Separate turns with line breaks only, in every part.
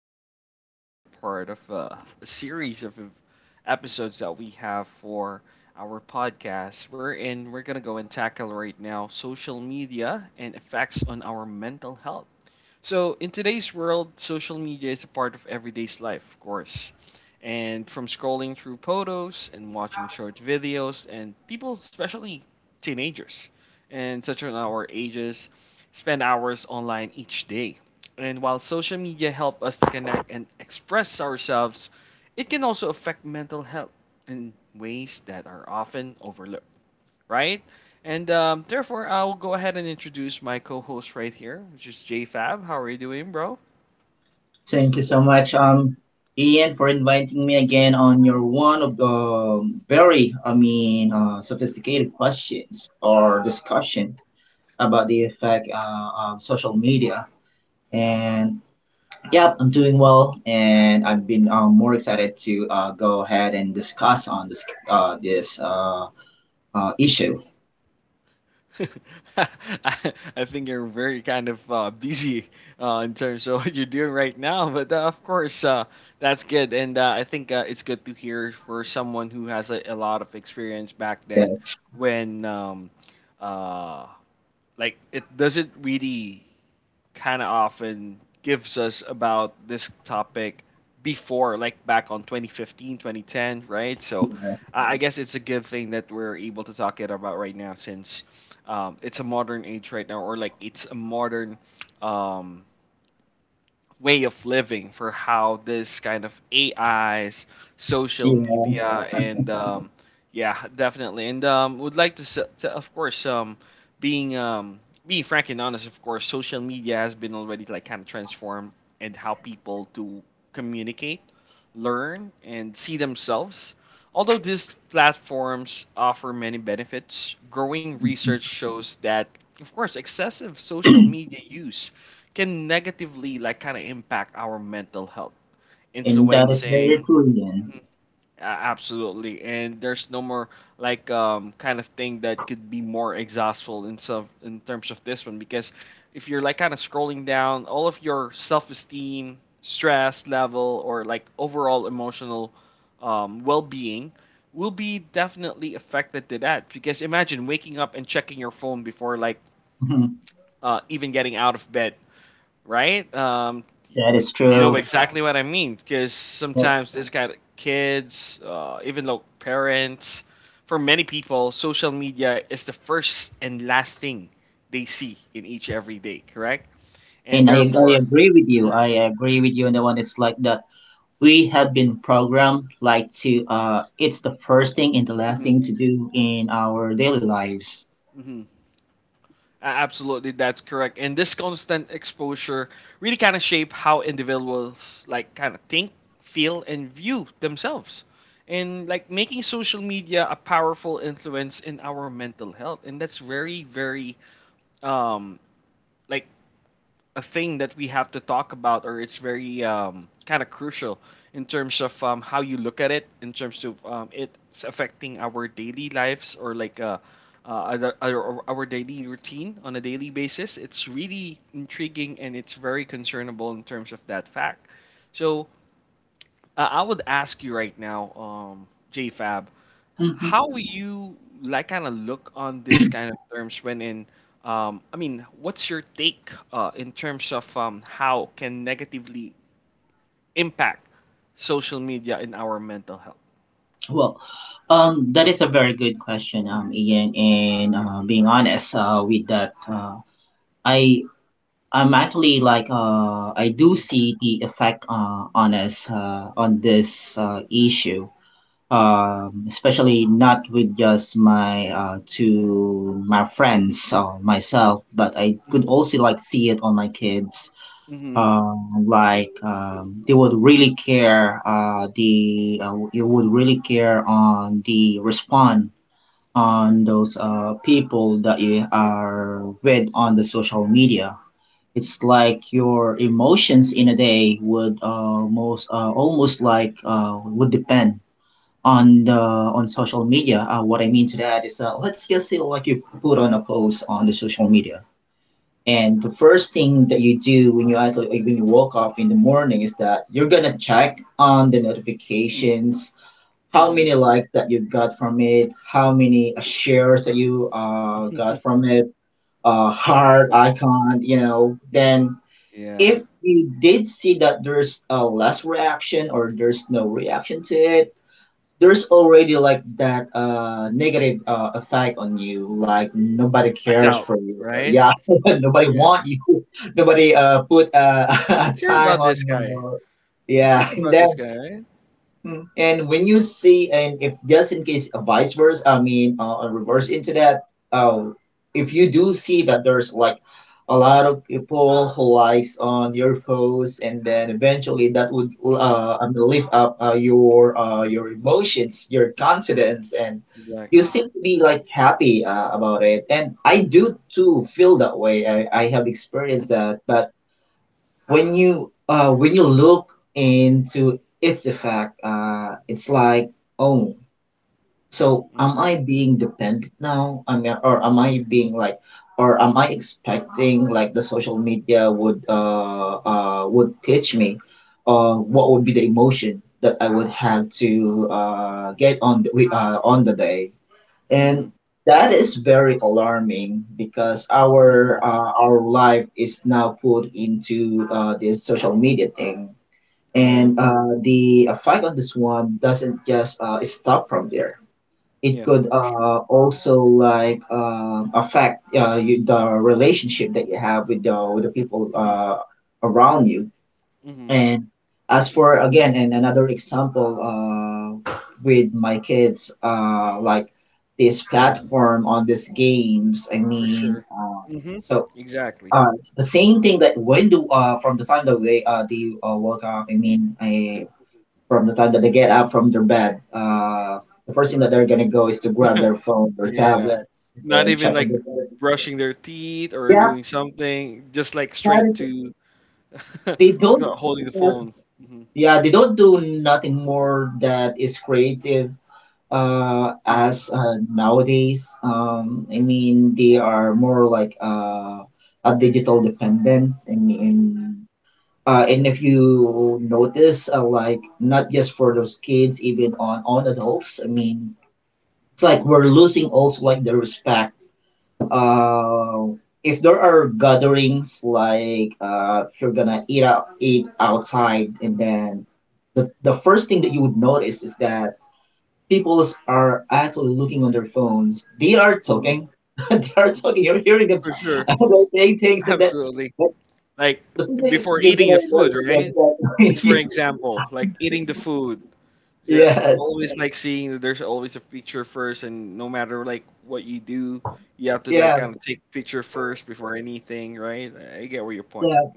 on an exciting part of a series of episodes that we have for our podcast. We're in. We're gonna go and tackle right now social media and effects on our mental health. So, in today's world, social media is a part of everyday's life, of course. And from scrolling through photos and watching short videos, and people, especially teenagers and such on our ages, spend hours online each day. And while social media help us to connect and express ourselves, it can also affect mental health in ways that are often overlooked, right? And therefore, I'll go ahead and introduce my co-host right here, which is JFab. How are you doing, bro?
Thank you so much, Ian, for inviting me again on your one of the very, sophisticated questions or discussion about the effect of social media. And yeah, I'm doing well, and I've been more excited to go ahead and discuss on this issue.
I, I think you're very kind of busy in terms of what you're doing right now, but of course, that's good. And I think it's good to hear for someone who has a lot of experience back then
Yes.
when, uh, like, it doesn't really kind of often gives us about this topic before, like back on 2015, 2010, right? So I guess it's a good thing that we're able to talk it about right now since it's a modern age right now, or like it's a modern um, way of living for how this kind of AIs, social
Yeah.
media, and yeah, definitely. And, would like to, to of course, being um, being frank and honest, of course, social media has been already like kind of transformed and how people to communicate, learn, and see themselves. Although these platforms offer many benefits, growing research shows that, of course, excessive social media use can negatively like kind of impact our mental health,
And that is very
influencing.
true, Ian.
Mhm. A- Absolutely, and there's no more like kind of thing that could be more exhaustive in some in terms of this one because if you're like kind of scrolling down, all of your self-esteem, stress level, or like overall emotional well-being will be definitely affected to that because imagine waking up and checking your phone before like even getting out of bed, right?
That is
You know
true.
exactly what I mean because
Yep.
sometimes it's got kids, even though parents. For many people, social media is the first and last thing they see in each every day, correct? And
And I
therefore,
agree with you.
mhm,
I agree with you on the one. It's like that. We have been programmed like to it's the first thing and the last thing
mhm,
to do in our daily lives.
mhm. Absolutely, that's correct. And this constant exposure really kind of shape how individuals like kind of think, feel, and view themselves. And like making social media a powerful influence in our mental health, and that's very, very um like a thing that we have to talk about or it's very kind of crucial in terms of how you look at it in terms of it's affecting our daily lives or like uh, our daily routine on a daily basis. It's really intriguing and it's very concernable in terms of that fact, so I would ask you right now, JFab,
Hmm
how you like kind of look on this kind of terms I mean, what's your take in terms of how can negatively impact social media in our mental health?
Well, that is a very good question,
Hmm.
Ian, and being honest with that uh I I'm actually like I do
Hmm.
see the effect on us on this issue, especially not with just my friends or myself, but I could
Hmm.
also like see it on my kids.
Hmm.
Like they would really care. The You would really care on the respond on those people that you are with on the social media. It's like your emotions in a day would most almost like would depend on the on social media. What I mean to that is, let's just say like you put on a post on the social media, and the first thing that you do when you actually like, when you woke up in the morning is that you're gonna check on the notifications, how
Hmm.
many likes that you got from it, how many shares that you got from it, heart
Typical.
icon, you know, then
Yeah.
if you did see that there's a less reaction or there's no reaction to it, there's already like that negative effect on you. Like nobody
A
cares
doubt,
for you.
right?
Yeah, nobody
Yeah.
want you. Nobody put
Who
a
care
time
about
on
this guy?
your.
Who
Yeah,
cares
and
about
then
this guy, right?
Mm. And when you say, and if just in case vice versa, reverse
Hmm.
into that, uh, if you do see that there's like a lot of people who likes on your post, and then eventually that would
Hmm.
lift up your emotions, your confidence, and you
Exactly.
seem to be like happy about it. And I
Hmm.
do too feel that way. I have experienced that, but when you look into its effect it's like oh, so am
Mhm,
I being dependent now, I mean, or am I being like or am I expecting like the social media would teach me what would be the emotion that I would have to get on on the day and
mhm,
that is very alarming because
mhm.
our life is now put into this social media thing
Yeah,
and the effect on this one doesn't just stop from there. It
yeah,
could
for sure.
also like affect you, the relationship that you have with with the people
Mhm,
around you.
mhm,
And as for again, and another example, uh, with my kids, like this platform on these games. I
for
mean,
sure. Mhm,
so
exactly.
it's the same thing that when do from the time that they woke up. From the time that they get up from their bed, the first thing that they're gonna go is to grab their phone, their
Yeah,
tablets,
not
and
even
check on
like
the
brushing their teeth or
Yeah,
doing something, just like
that
straight
is.
to
They don't
holding the phone. Mhm,
yeah, they don't do nothing more that is creative
mhm,
as nowadays, they are more like a digital dependent. I mean, and if you notice, like not just for those kids, even on adults. I mean, it's like we're losing also like the respect. Uh, if there are gatherings, like if you're gonna eat out, eat outside, and then the first thing that you would notice is that people are actually looking on their phones. They are
mhm.
talking. They are talking. You're hearing them
For
talk.
sure,
They're saying things and that.
absolutely.
But
Like
the thing that
before
you're
eating the
gonna
food,
notice
right?
them
Just for
that.
example, like eating the food. You're
Yes.
always like seeing that there's always a picture first, and no matter like what you do, you have to like
Yeah.
kind of take picture first before anything, right? I get where your point.
Yeah.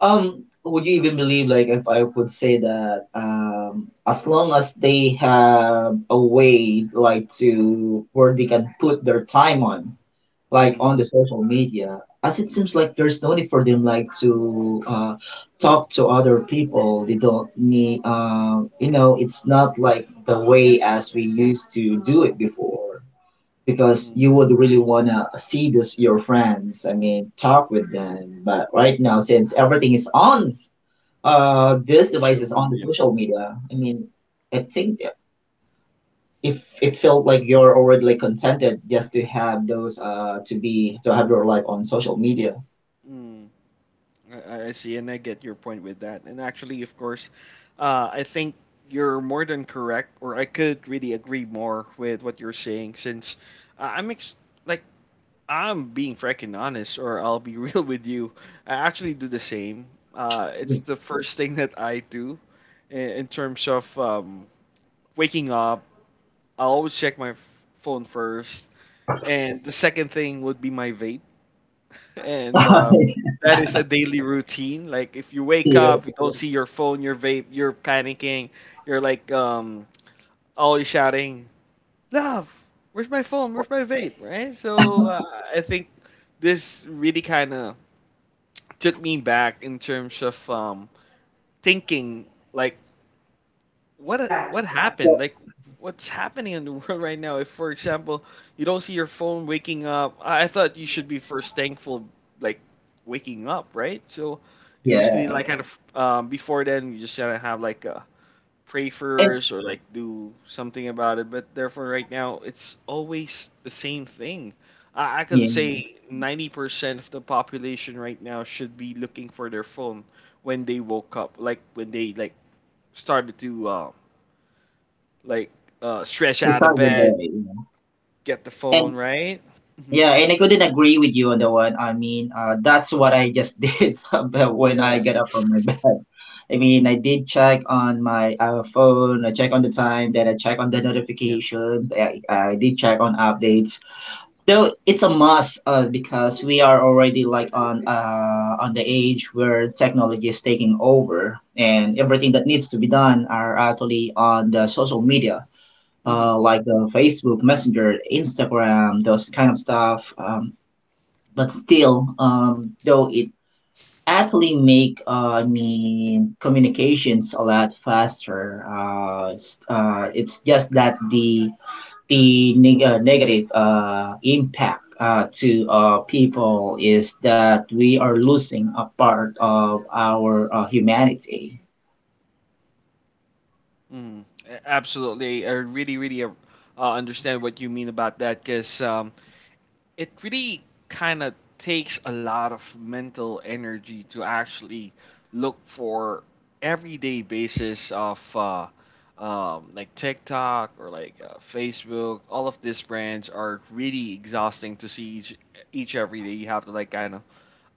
Um, would you even believe, like, if I would say that, as long as they have a way, like, to where they can put their time on, like
Mm-hmm.
on the social media, as it seems like there's no need for them like to talk to other people. They don't need you know it's not like the way as we used to do it before, because
Mm.
you would really want to see this your friends, I mean, talk with them. But right now, since everything is on this device,
Social
is on the
media.
social media, I mean, I think if it felt like you're already like contented just to have those to have your life on social media.
Mm. I see, and I get your point with that. And actually, of course, I think you're more than correct, or I could really agree more with what you're saying, since I'm ex- like I'm being freaking honest, or I'll be real with you. I actually do the same. It's the first thing that I do in terms of waking up. I always check my phone first, and the second thing would be my vape, and that is a daily routine. Like if you wake
Yeah.
up, you don't see your phone, your vape, you're panicking, you're like always shouting, love, where's my phone, where's my vape, right? So I think this really kind of took me back in terms of thinking like what happened,
That's-
like what's happening in the world right now if for example you don't see your phone waking up. I thought you should be first thankful like waking up, right? So you just need
yeah.
like, yeah, kind of before then you just gotta have like a pray
And
first or like do something about it. But therefore, right now, it's always the same thing. I could
yeah.
say 90% of the population right now should be looking for their phone when they woke up, like when they like started to like stretch
To
out of
start with that,
bed,
you know.
get the phone,
And
right? Hmm.
yeah, and I couldn't agree with you on the one. I mean, that's what I just did about when I
Yeah.
get up from my bed. I mean, I did check on my phone. I check on the time. Then I check on the
Yeah.
notifications. I did check on updates, though it's a must because we are already like on the age where technology is taking over, and everything that needs to be done are actually on the social media,
Mm-hmm.
like the Facebook Messenger, Instagram, those kind of stuff, but still though it actually make communications a lot faster, it's just that the negative impact to people is that we are losing a part of our humanity.
Mm-hmm. Absolutely. I really, really understand what you mean about that because it really kind of takes a lot of mental energy to actually look for everyday basis of like TikTok or like Facebook. All of these brands are really exhausting to see each every day. You have to like kind of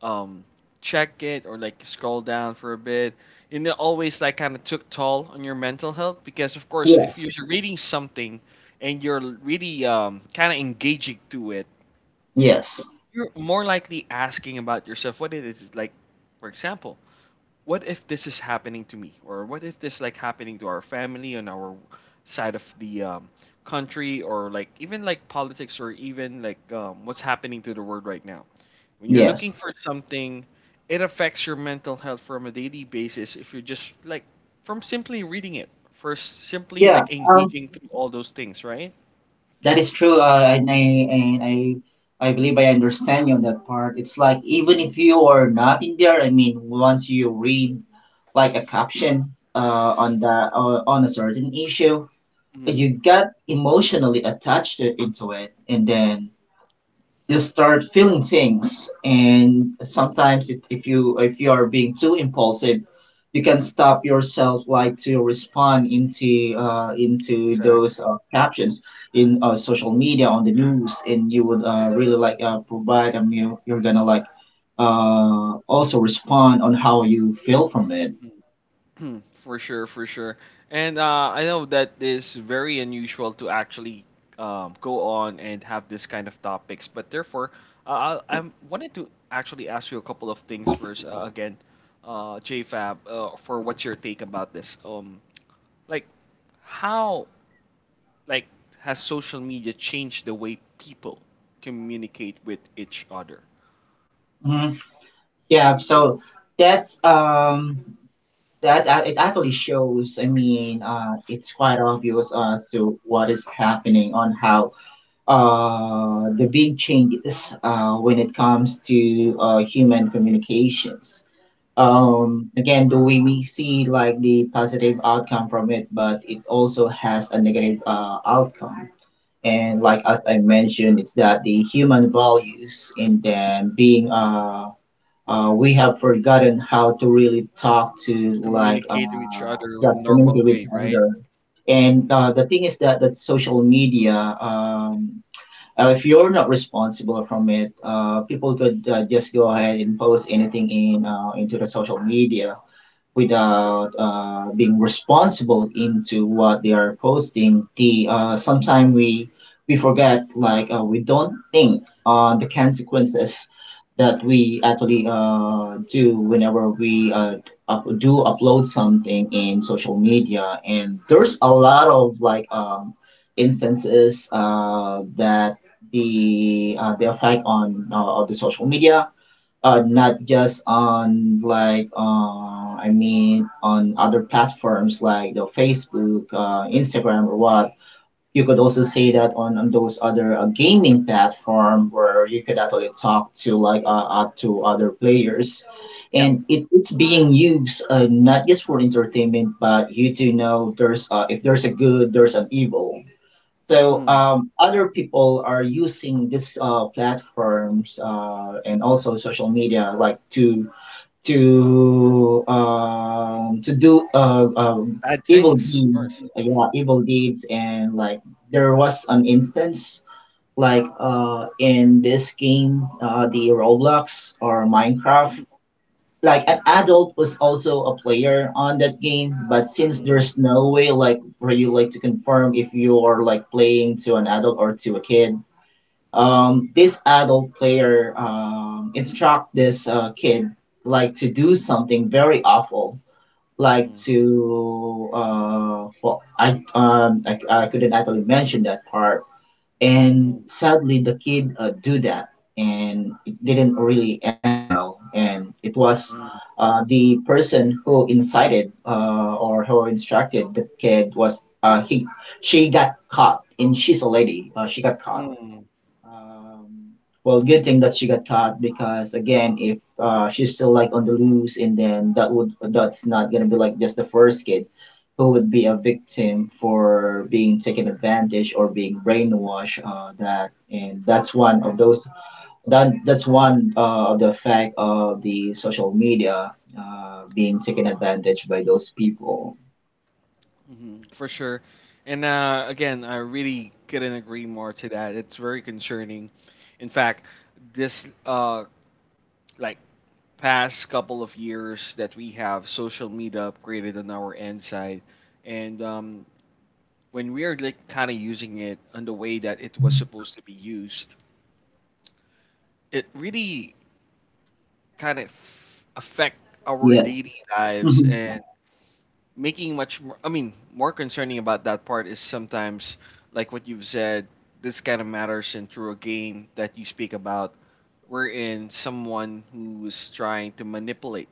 um, check it or like scroll down for a bit. And it always like kind of took toll on your mental health because of course if
Yes.
you're reading something and you're really kind of engaging to it,
Yes.
you're more likely asking about yourself what it is like, for example, what if this is happening to me or what if this like happening to our family on our side of the country or like even like politics or even like what's happening to the world right now. When you're
Yes.
looking for something, it affects your mental health from a daily basis if you're just like from simply reading it, first simply
Yeah.
like engaging through all those things, right?
That is true. And I believe I understand you on that part. It's like even
Mhm.
if you are not in there, I mean, once you read like a caption on the on a certain issue,
Hmm.
you got emotionally attached to, into it, and then you start feeling things, and sometimes it, if you are being too impulsive, you can stop yourself like to respond into those
Exactly.
captions in social media on the news, and you would really like provide them. You, you're gonna like also respond on how you feel from it.
Hmm, for sure, for sure. And I know that is very unusual to actually go on and have this kind of topics, but therefore, I wanted to actually ask you a couple of things first. Again, JFab, for what's your take about this? Like, how like has social media changed the way people communicate with each other?
Mhm. Yeah, so that's that it actually shows, it's quite obvious as to what is happening on how the big changes when it comes to human communications,
Mm-hmm,
again the way we see like the positive outcome from it, but it also has a negative outcome, and
mm-hmm.
like as I mentioned, it's that the human values, and
Hmm.
then being we have forgotten how to really talk to
Communicate with each other in
just
normal
communicate with
way, right?
other. And the thing is that social media, um, if you're not responsible from it, people could just go ahead and post anything in into the social media without being responsible into what they are posting. The sometimes we forget like we don't think on the consequences that we actually do whenever we do upload something in social media, and there's a
Mm-hmm.
lot of like instances that the effect on of the social media, not just on like on other platforms like the Facebook, Instagram, or what. You could also say that on those other gaming platform where you could actually talk to like to other players, and it's being used not just for entertainment, but you do know there's if there's a good, there's an evil, so
Mm.
other people are using these platforms and also social media like to do
Bad
evil
things, of course.
deeds, yeah, evil deeds, and like there was an instance like in this game, the Roblox or Minecraft,
Mm.
like an adult was also a player on that game, but since
Mm.
there's no way like for you like to confirm if you're like playing to an adult or to a kid, um, this adult player instruct this kid like to do something very awful, like
Mm.
to uh, well, I couldn't actually mention that part, and
Mm.
sadly, the kid do that, and it didn't really end well. And it was
Mm.
the person who incited or who instructed the kid was he she got caught, and she's a lady. She got caught.
Mm.
um, well, good thing that she got caught because again, if she's still like on the loose, and then that's not gonna be like just the first kid who would be a victim for being taken advantage or being brainwashed. That's one of those that's one of the effect of the social media being taken advantage by those people.
Mhm. For sure. And again, I really couldn't agree more to that. It's very concerning. In fact, this like past couple of years that we have social media upgraded on our end side, and when we are like kind of using it on the way that it was supposed to be used, it really kind of affect our
Yeah.
daily lives,
Hmm.
and making much more, I mean, more concerning about that part is sometimes like what you've said this kind of matters, and through a game that you speak about wherein someone who's trying to manipulate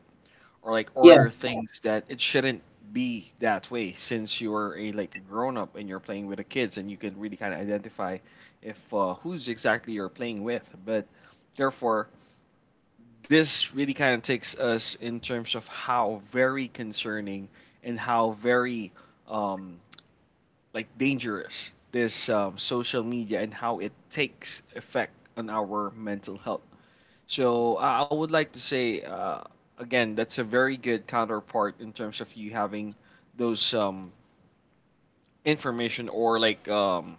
or like
Yeah.
order things that it shouldn't be that way since you're a like a grown up and you're playing with the kids and you can really kind of identify if who's exactly you're playing with, but therefore this really kind of takes us in terms of how very concerning and how very um, like dangerous this social media and how it takes effect on our mental health. So I would like to say again that's a very good counterpart in terms of you having those information or like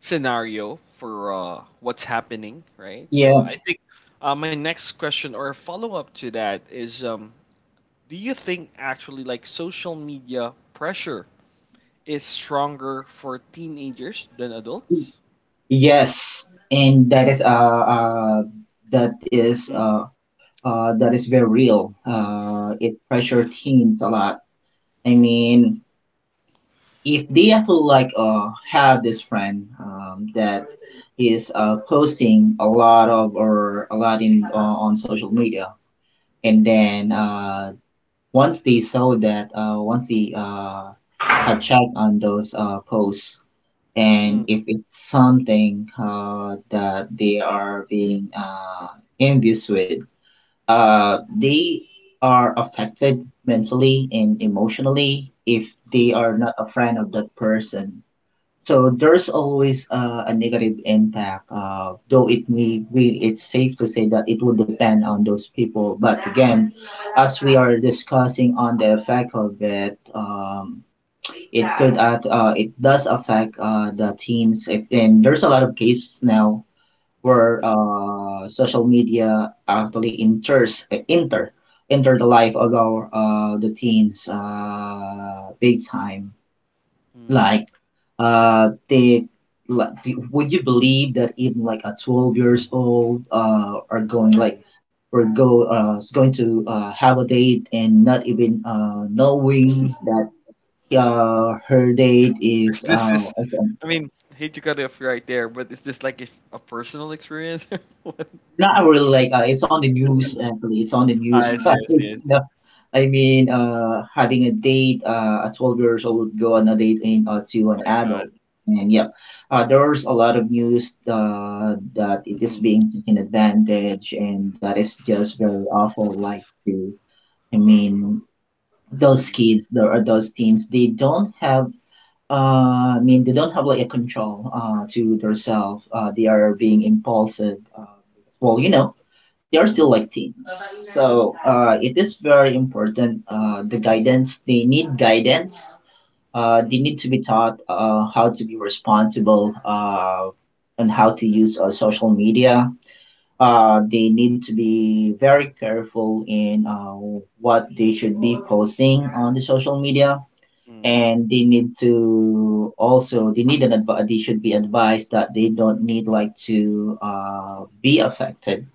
scenario for what's happening, right? So
Yeah.
I think my next question or a follow up to that is, do you think actually like social media pressure is stronger for teenagers than adults?
Yes, and that is
Mm,
uh that is very real. It pressure teens a lot. I mean, if they
mm,
actually like have this friend that is posting a lot of or a lot in on social media, and then once they saw that, once they have checked on those posts,
mm,
and if it's something that they are being envious with they are affected mentally and emotionally if they
mm,
are not a friend of that person. So there's always a negative impact, though it may we it's safe to say that it would depend on those people. But again, as we are discussing on the effect of it, it could add, it does affect the teams. If, and there's a lot of cases now where
mm,
social media actually enters eh, enter enter the life of our the teens big time
mm,
like they like, would you believe that even like a 12 years old are going like
mm.
or go is going to have a date and not even knowing that her date
Is
is
this is I mean, hate to cut you off right there, but is this like if a personal experience?
not really like it's on the news, actually it's on the
I
news.
see. Mm, I see, I see.
I mean, having a date, a 12 years old would go on a date and, to an
My
adult.
God.
And yep, there's a lot of news that it is
Mhm,
being taken advantage, and that is just very awful. Like, to, I mean, those
mhm,
kids, there are those teens, they don't have. I mean, they don't have like a control to themselves. They are being impulsive. Well, you know, they're still
mm,
like teens. So it is very important. They need guidance. They need
mm,
to be taught how to be responsible and how to use social media. They need to be very careful in what they should be posting on the social media,
mm,
and they need an they should be advised that they don't need like to be affected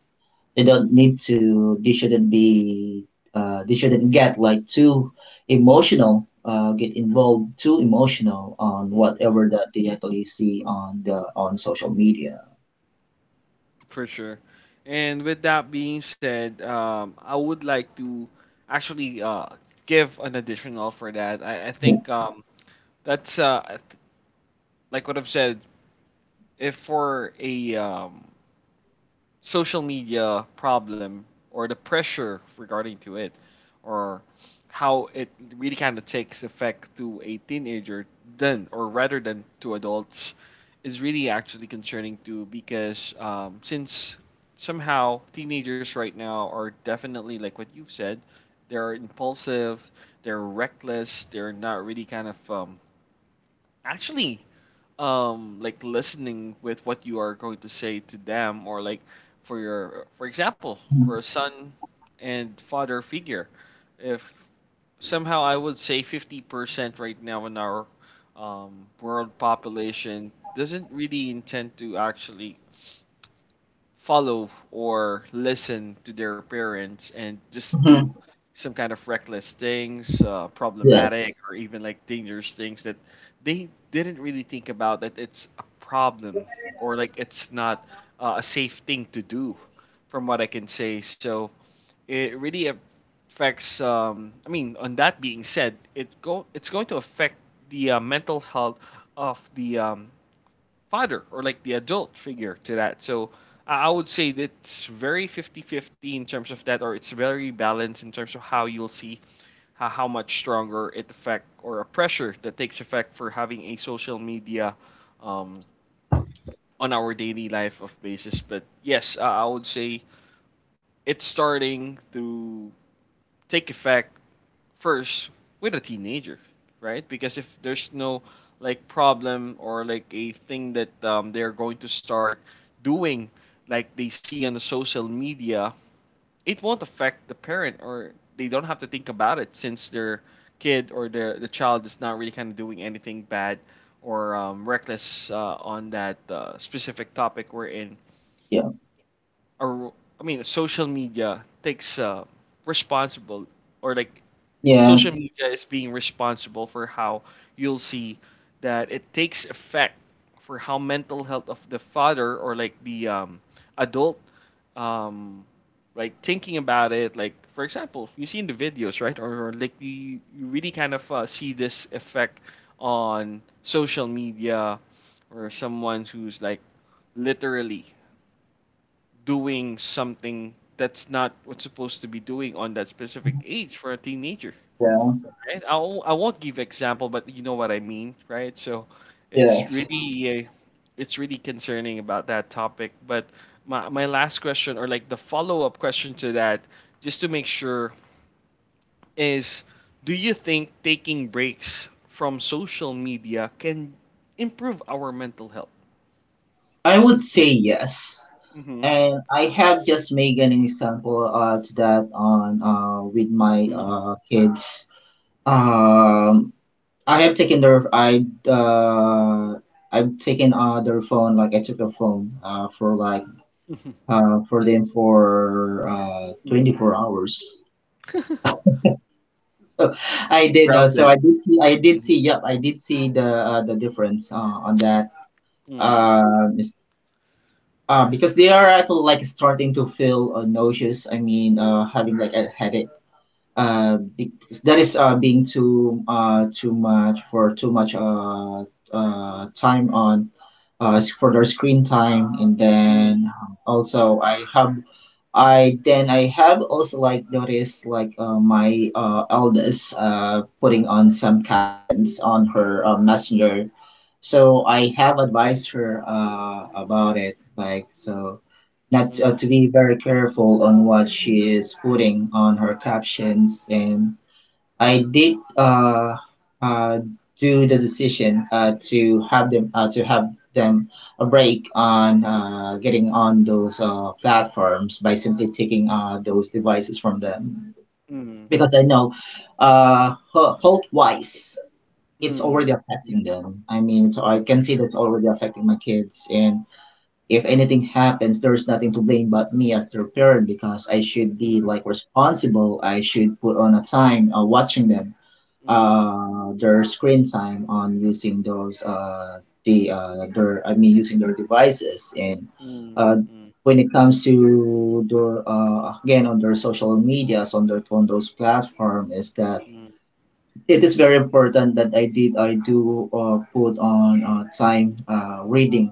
they don't need to they shouldn't be they shouldn't get like too emotional on
mm.
whatever that they actually see on the on social media.
For sure. And with that being said, I would like to actually give an additional for that. I
Yeah.
think that's like what I've said. If for a social media problem or the pressure regarding to it, or how it really kind of takes effect to a teenager then, or rather than to adults, is really actually concerning too. Because since somehow teenagers right now are definitely like what you've said, they're impulsive, they're reckless, they're not really kind of actually like listening with what you are going to say to them, or like for example, for a son and father figure, if somehow I would say 50% right now in our world population doesn't really intend to actually follow or listen to their parents and just do
Hmm.
some kind of reckless things, problematic
Yes.
or even like dangerous things that they didn't really think about that it's a problem, or like it's not a safe thing to do, from what I can say. So it really affects. I mean, on that being said, it's going to affect the mental health of the father or like the adult figure to that. So I would say that it's very 50-50 in terms of that, or it's very balanced in terms of how you'll see how much stronger it affect, or a pressure that takes effect for having a social media um, on our daily life of basis. But yes, I would say it's starting to take effect first with a teenager, right? Because if there's no like problem or like a thing that they're going to start doing, like they see on the social media, it won't affect the parent, or they don't have to think about it since their kid or their the child is not really kind of doing anything bad or reckless on that specific topic we're in.
Yeah,
Or I mean, social media takes responsible, or like
yeah,
social media is being responsible for how you'll see that it takes effect for how mental health of the father, or like the adult um, like thinking about it. Like for example, you see in the videos, right, or like you really kind of see this effect on social media, or someone who's like literally doing something that's not what's supposed to be doing on that specific age for a teenager,
yeah.
right? I won't give example, but you know what I mean, right? So it's
Yes,
really uh, it's really concerning about that topic. But my last question, or like the follow up question to that, just to make sure, is, do you think taking breaks from social media can improve our mental health?
I would say yes,
Mm-hmm.
and I have just made an example to that on with my
Mm-hmm.
kids. um I have taken their I uh I've taken their phone, like I took their phone for like for them for 24
Mm-hmm.
hours. So I
Grounded.
did see
Mm-hmm.
the difference on that.
Mm-hmm.
uh, mis- because they are actually like starting to feel nauseous, I mean having like a headache because that is being too too much for too much time on for their screen time. And then also I have also like noticed like my eldest putting on some captions on her messenger, so I have advised her about it, like so, not to be very careful on what she is putting on her captions. And I did uh, do the decision to have them a break on getting on those platforms by simply taking those devices from them,
Mm-hmm.
because I know Holtwise it's
Mm-hmm.
already
Yeah.
affecting them. I mean, so I
Yeah.
can see that's already affecting my kids. And if anything happens, there's nothing to blame but me as their parent because I should be like responsible. I should put on a time watching them,
Mm-hmm.
their screen time on using those, I mean, using their devices. And,
Mm,
uh,
mm,
when it comes to the again on their social medias on their on those platform, is that
mm,
it is very important that I do put on time reading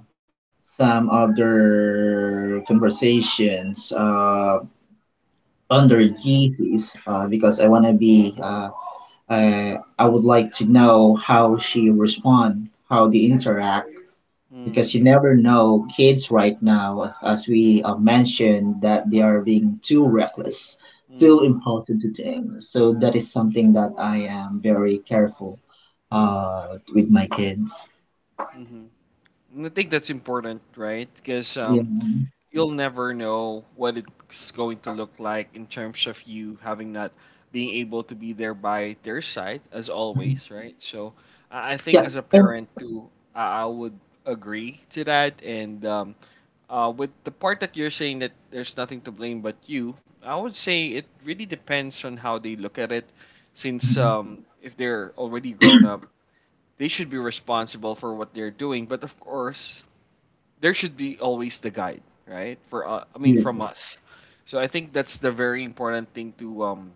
some other conversations under
mm,
Jesus because I want to be I would like to know how she respond, how they interact,
mm,
because you never know kids right now, as we mentioned that they are being too reckless, too
mm,
impulsive to things, so that is something that I am very careful uh with my kids.
mhm. And I think that's important, right? Because
Yeah.
you'll never know what it's going to look like in terms of you having not being able to be there by their side, as always, right? So I think
yeah
as a
and,
parent too, I would agree to that, and with the part that you're saying that there's nothing to blame but you, I would say it really depends on how they look at it. Since if they're already grown up, they should be responsible for what they're doing. But of course, there should be always the guide, right? For I mean, from
yes.
us. So I think that's the very important thing to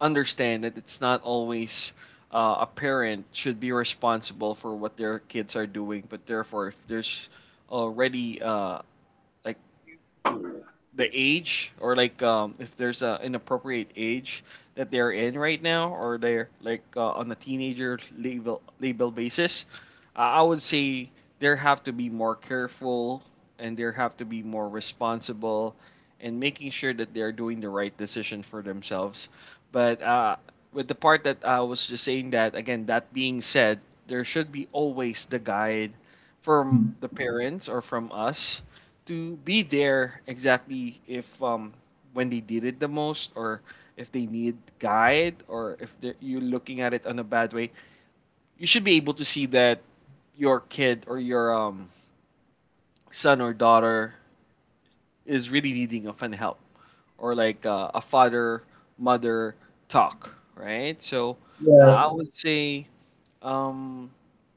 understand that it's not always a parent should be responsible for what their kids are doing. But therefore, if there's already like the age, or like if there's a inappropriate age that they're in right now, or they're like on a teenager label basis, I would say there have to be more careful, and there have to be more responsible, and making sure that they're doing the right decision for themselves. But with the part that I was just saying that, again, that being said, there should be always the guide from the parents or from us, to be there exactly if when they did it the most, or if they need guide, or if you're looking at it on a bad way, you should be able to see that your kid or your son or daughter is really needing of an help, or like a father, mother talk, right? So
Yeah,
I would say Um,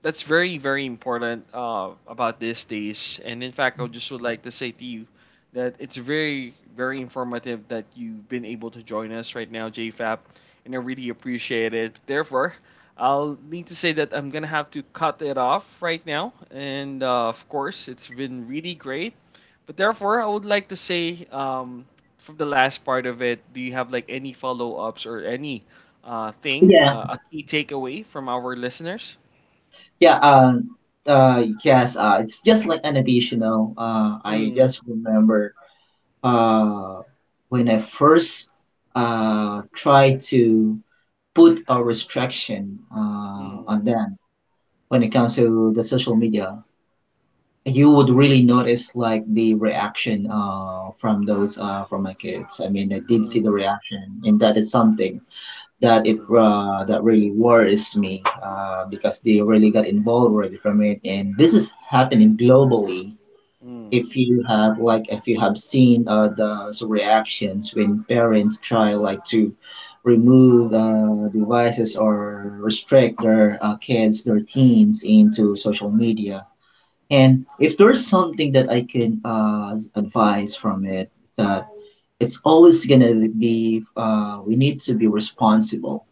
that's very very important about these days. And in fact, I would just would like to say to you that it's very very informative that you've been able to join us right now, JFAP, and I really appreciate it. Therefore, I'll need to say that I'm gonna have to cut it off right now. And of course, it's been really great. But therefore, I would like to say from the last part of it, do you have like any follow ups, or any
yeah.
a key takeaway from our listeners?
yeah uh, yes, it's just like an additional. I
Mm,
just remember uh when I first tried to put a restriction
mm,
on them when it comes to the social media, you would really notice like the reaction from my kids. I mean, I did see the
mm,
reaction, and that is something
mm,
that really worries me because they really got involved already from it, and this is happening globally.
mm,
If you have like if you have seen reactions when parents try like to remove devices or restrict their kids their teens into social media. And if there's something that I can advise from it, that it's always gonna be we need to be responsible.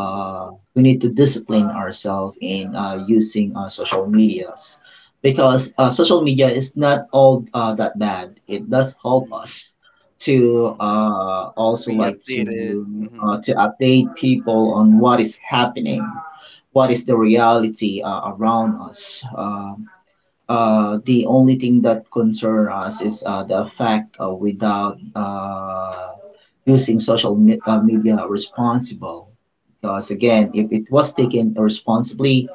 mm,
We need to discipline ourselves in using social medias, because social media is not all that bad. It does help
mm,
us to
mm.
also
Be
like
updated. Mm-hmm,
to update people on what is happening, what is the reality around us. The only thing that concern us is the fact without using media responsible. Because again, if it was taken responsibly,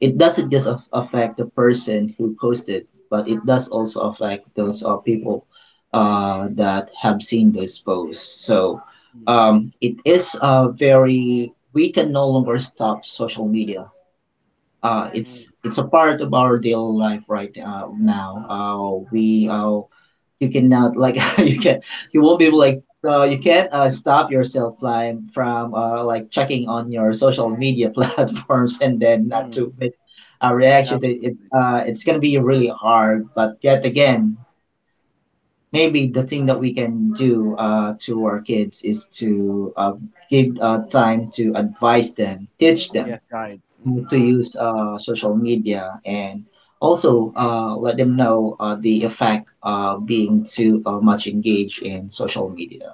it doesn't just affect the person who posted, but it does also affect those people that have seen those posts. So
mm,
it is we can no longer stop social media. It's
mm,
a part of our daily life right now.
mm.
We You cannot like you won't be able like you can't stop yourself like from like checking on your social media platforms and then not
Mm,
to make a reaction to it.
absolutely.
It's gonna be really hard. But yet again, maybe the thing that we can do to our kids is to give time to advise them, teach them
Yeah, guide.
how
Hmm.
to use social media, and also let them know the effect being too much engaged in social media.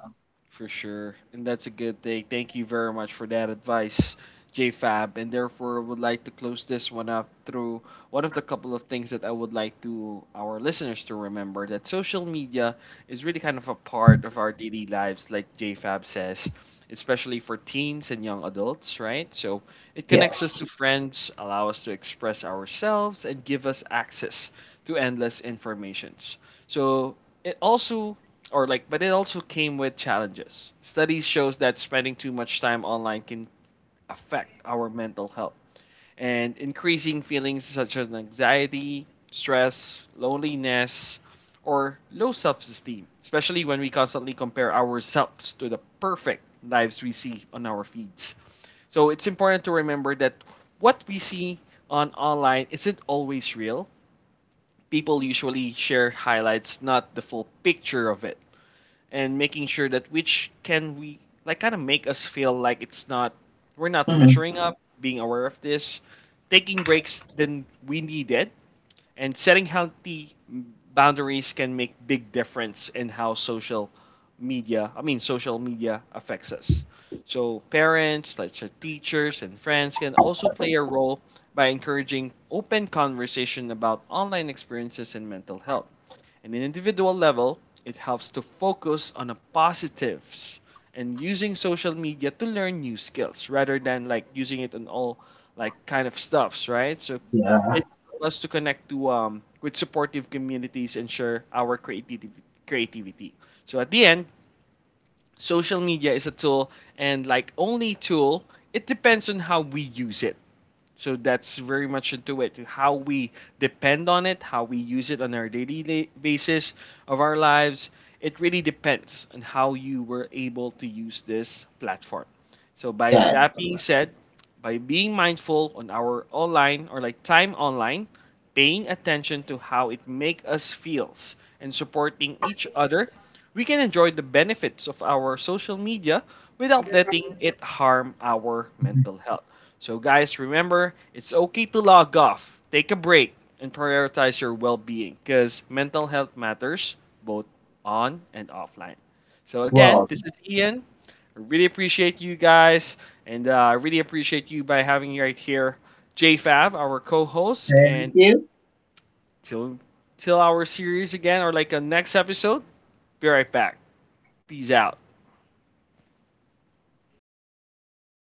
For sure. And that's a good thing. Thank you very much for that advice, JFab. And therefore, I would like to close this one up through one of the couple of things that I would like to our listeners to remember, that social media is really kind of a part of our daily lives, like JFab says, especially for teens and young adults, right? So it connects us
Yes.
to friends, allow us to express ourselves, and give us access to endless informations. So it also, or like, but it also came with challenges. Studies shows that spending too much time online can affect our mental health, and increasing feelings such as anxiety, stress, loneliness, or low self-esteem, especially when we constantly compare ourselves to the perfect lives we see on our feeds. So it's important to remember that what we see on online isn't always real. People usually share highlights, not the full picture of it, and making sure that which can we like kind of make us feel like it's not, we're not
Mhm.
measuring up. Being aware of this, taking breaks than we needed, and setting healthy boundaries can make big difference in how social media affects us. So parents, like so teachers and friends can also play a role by encouraging open conversation about online experiences and mental health. And in individual level, it helps to focus on the positives and using social media to learn new skills rather than like using it on all like kind of stuffs, right? So
Yeah,
for us to connect to with supportive communities and share our creativity. So at the end, social media is a tool, and like only tool, it depends on how we use it. So that's very much into it. How we depend on it, how we use it on our basis of our lives, it really depends on how you were able to use this platform. So by
that's
that being
right.
said, by being mindful on our online or like time online, paying attention to how it make us feels and supporting each other, we can enjoy the benefits of our social media without letting it harm our
Mhm.
mental health. So, guys, remember it's okay to log off, take a break, and prioritize your well being, because mental health matters, both on and offline. So, again,
Well,
this is Ian. I really appreciate you guys, and I really appreciate you by having you right here, JFab, our co host. And till, till our series again, or like a next episode, be right back. Peace out.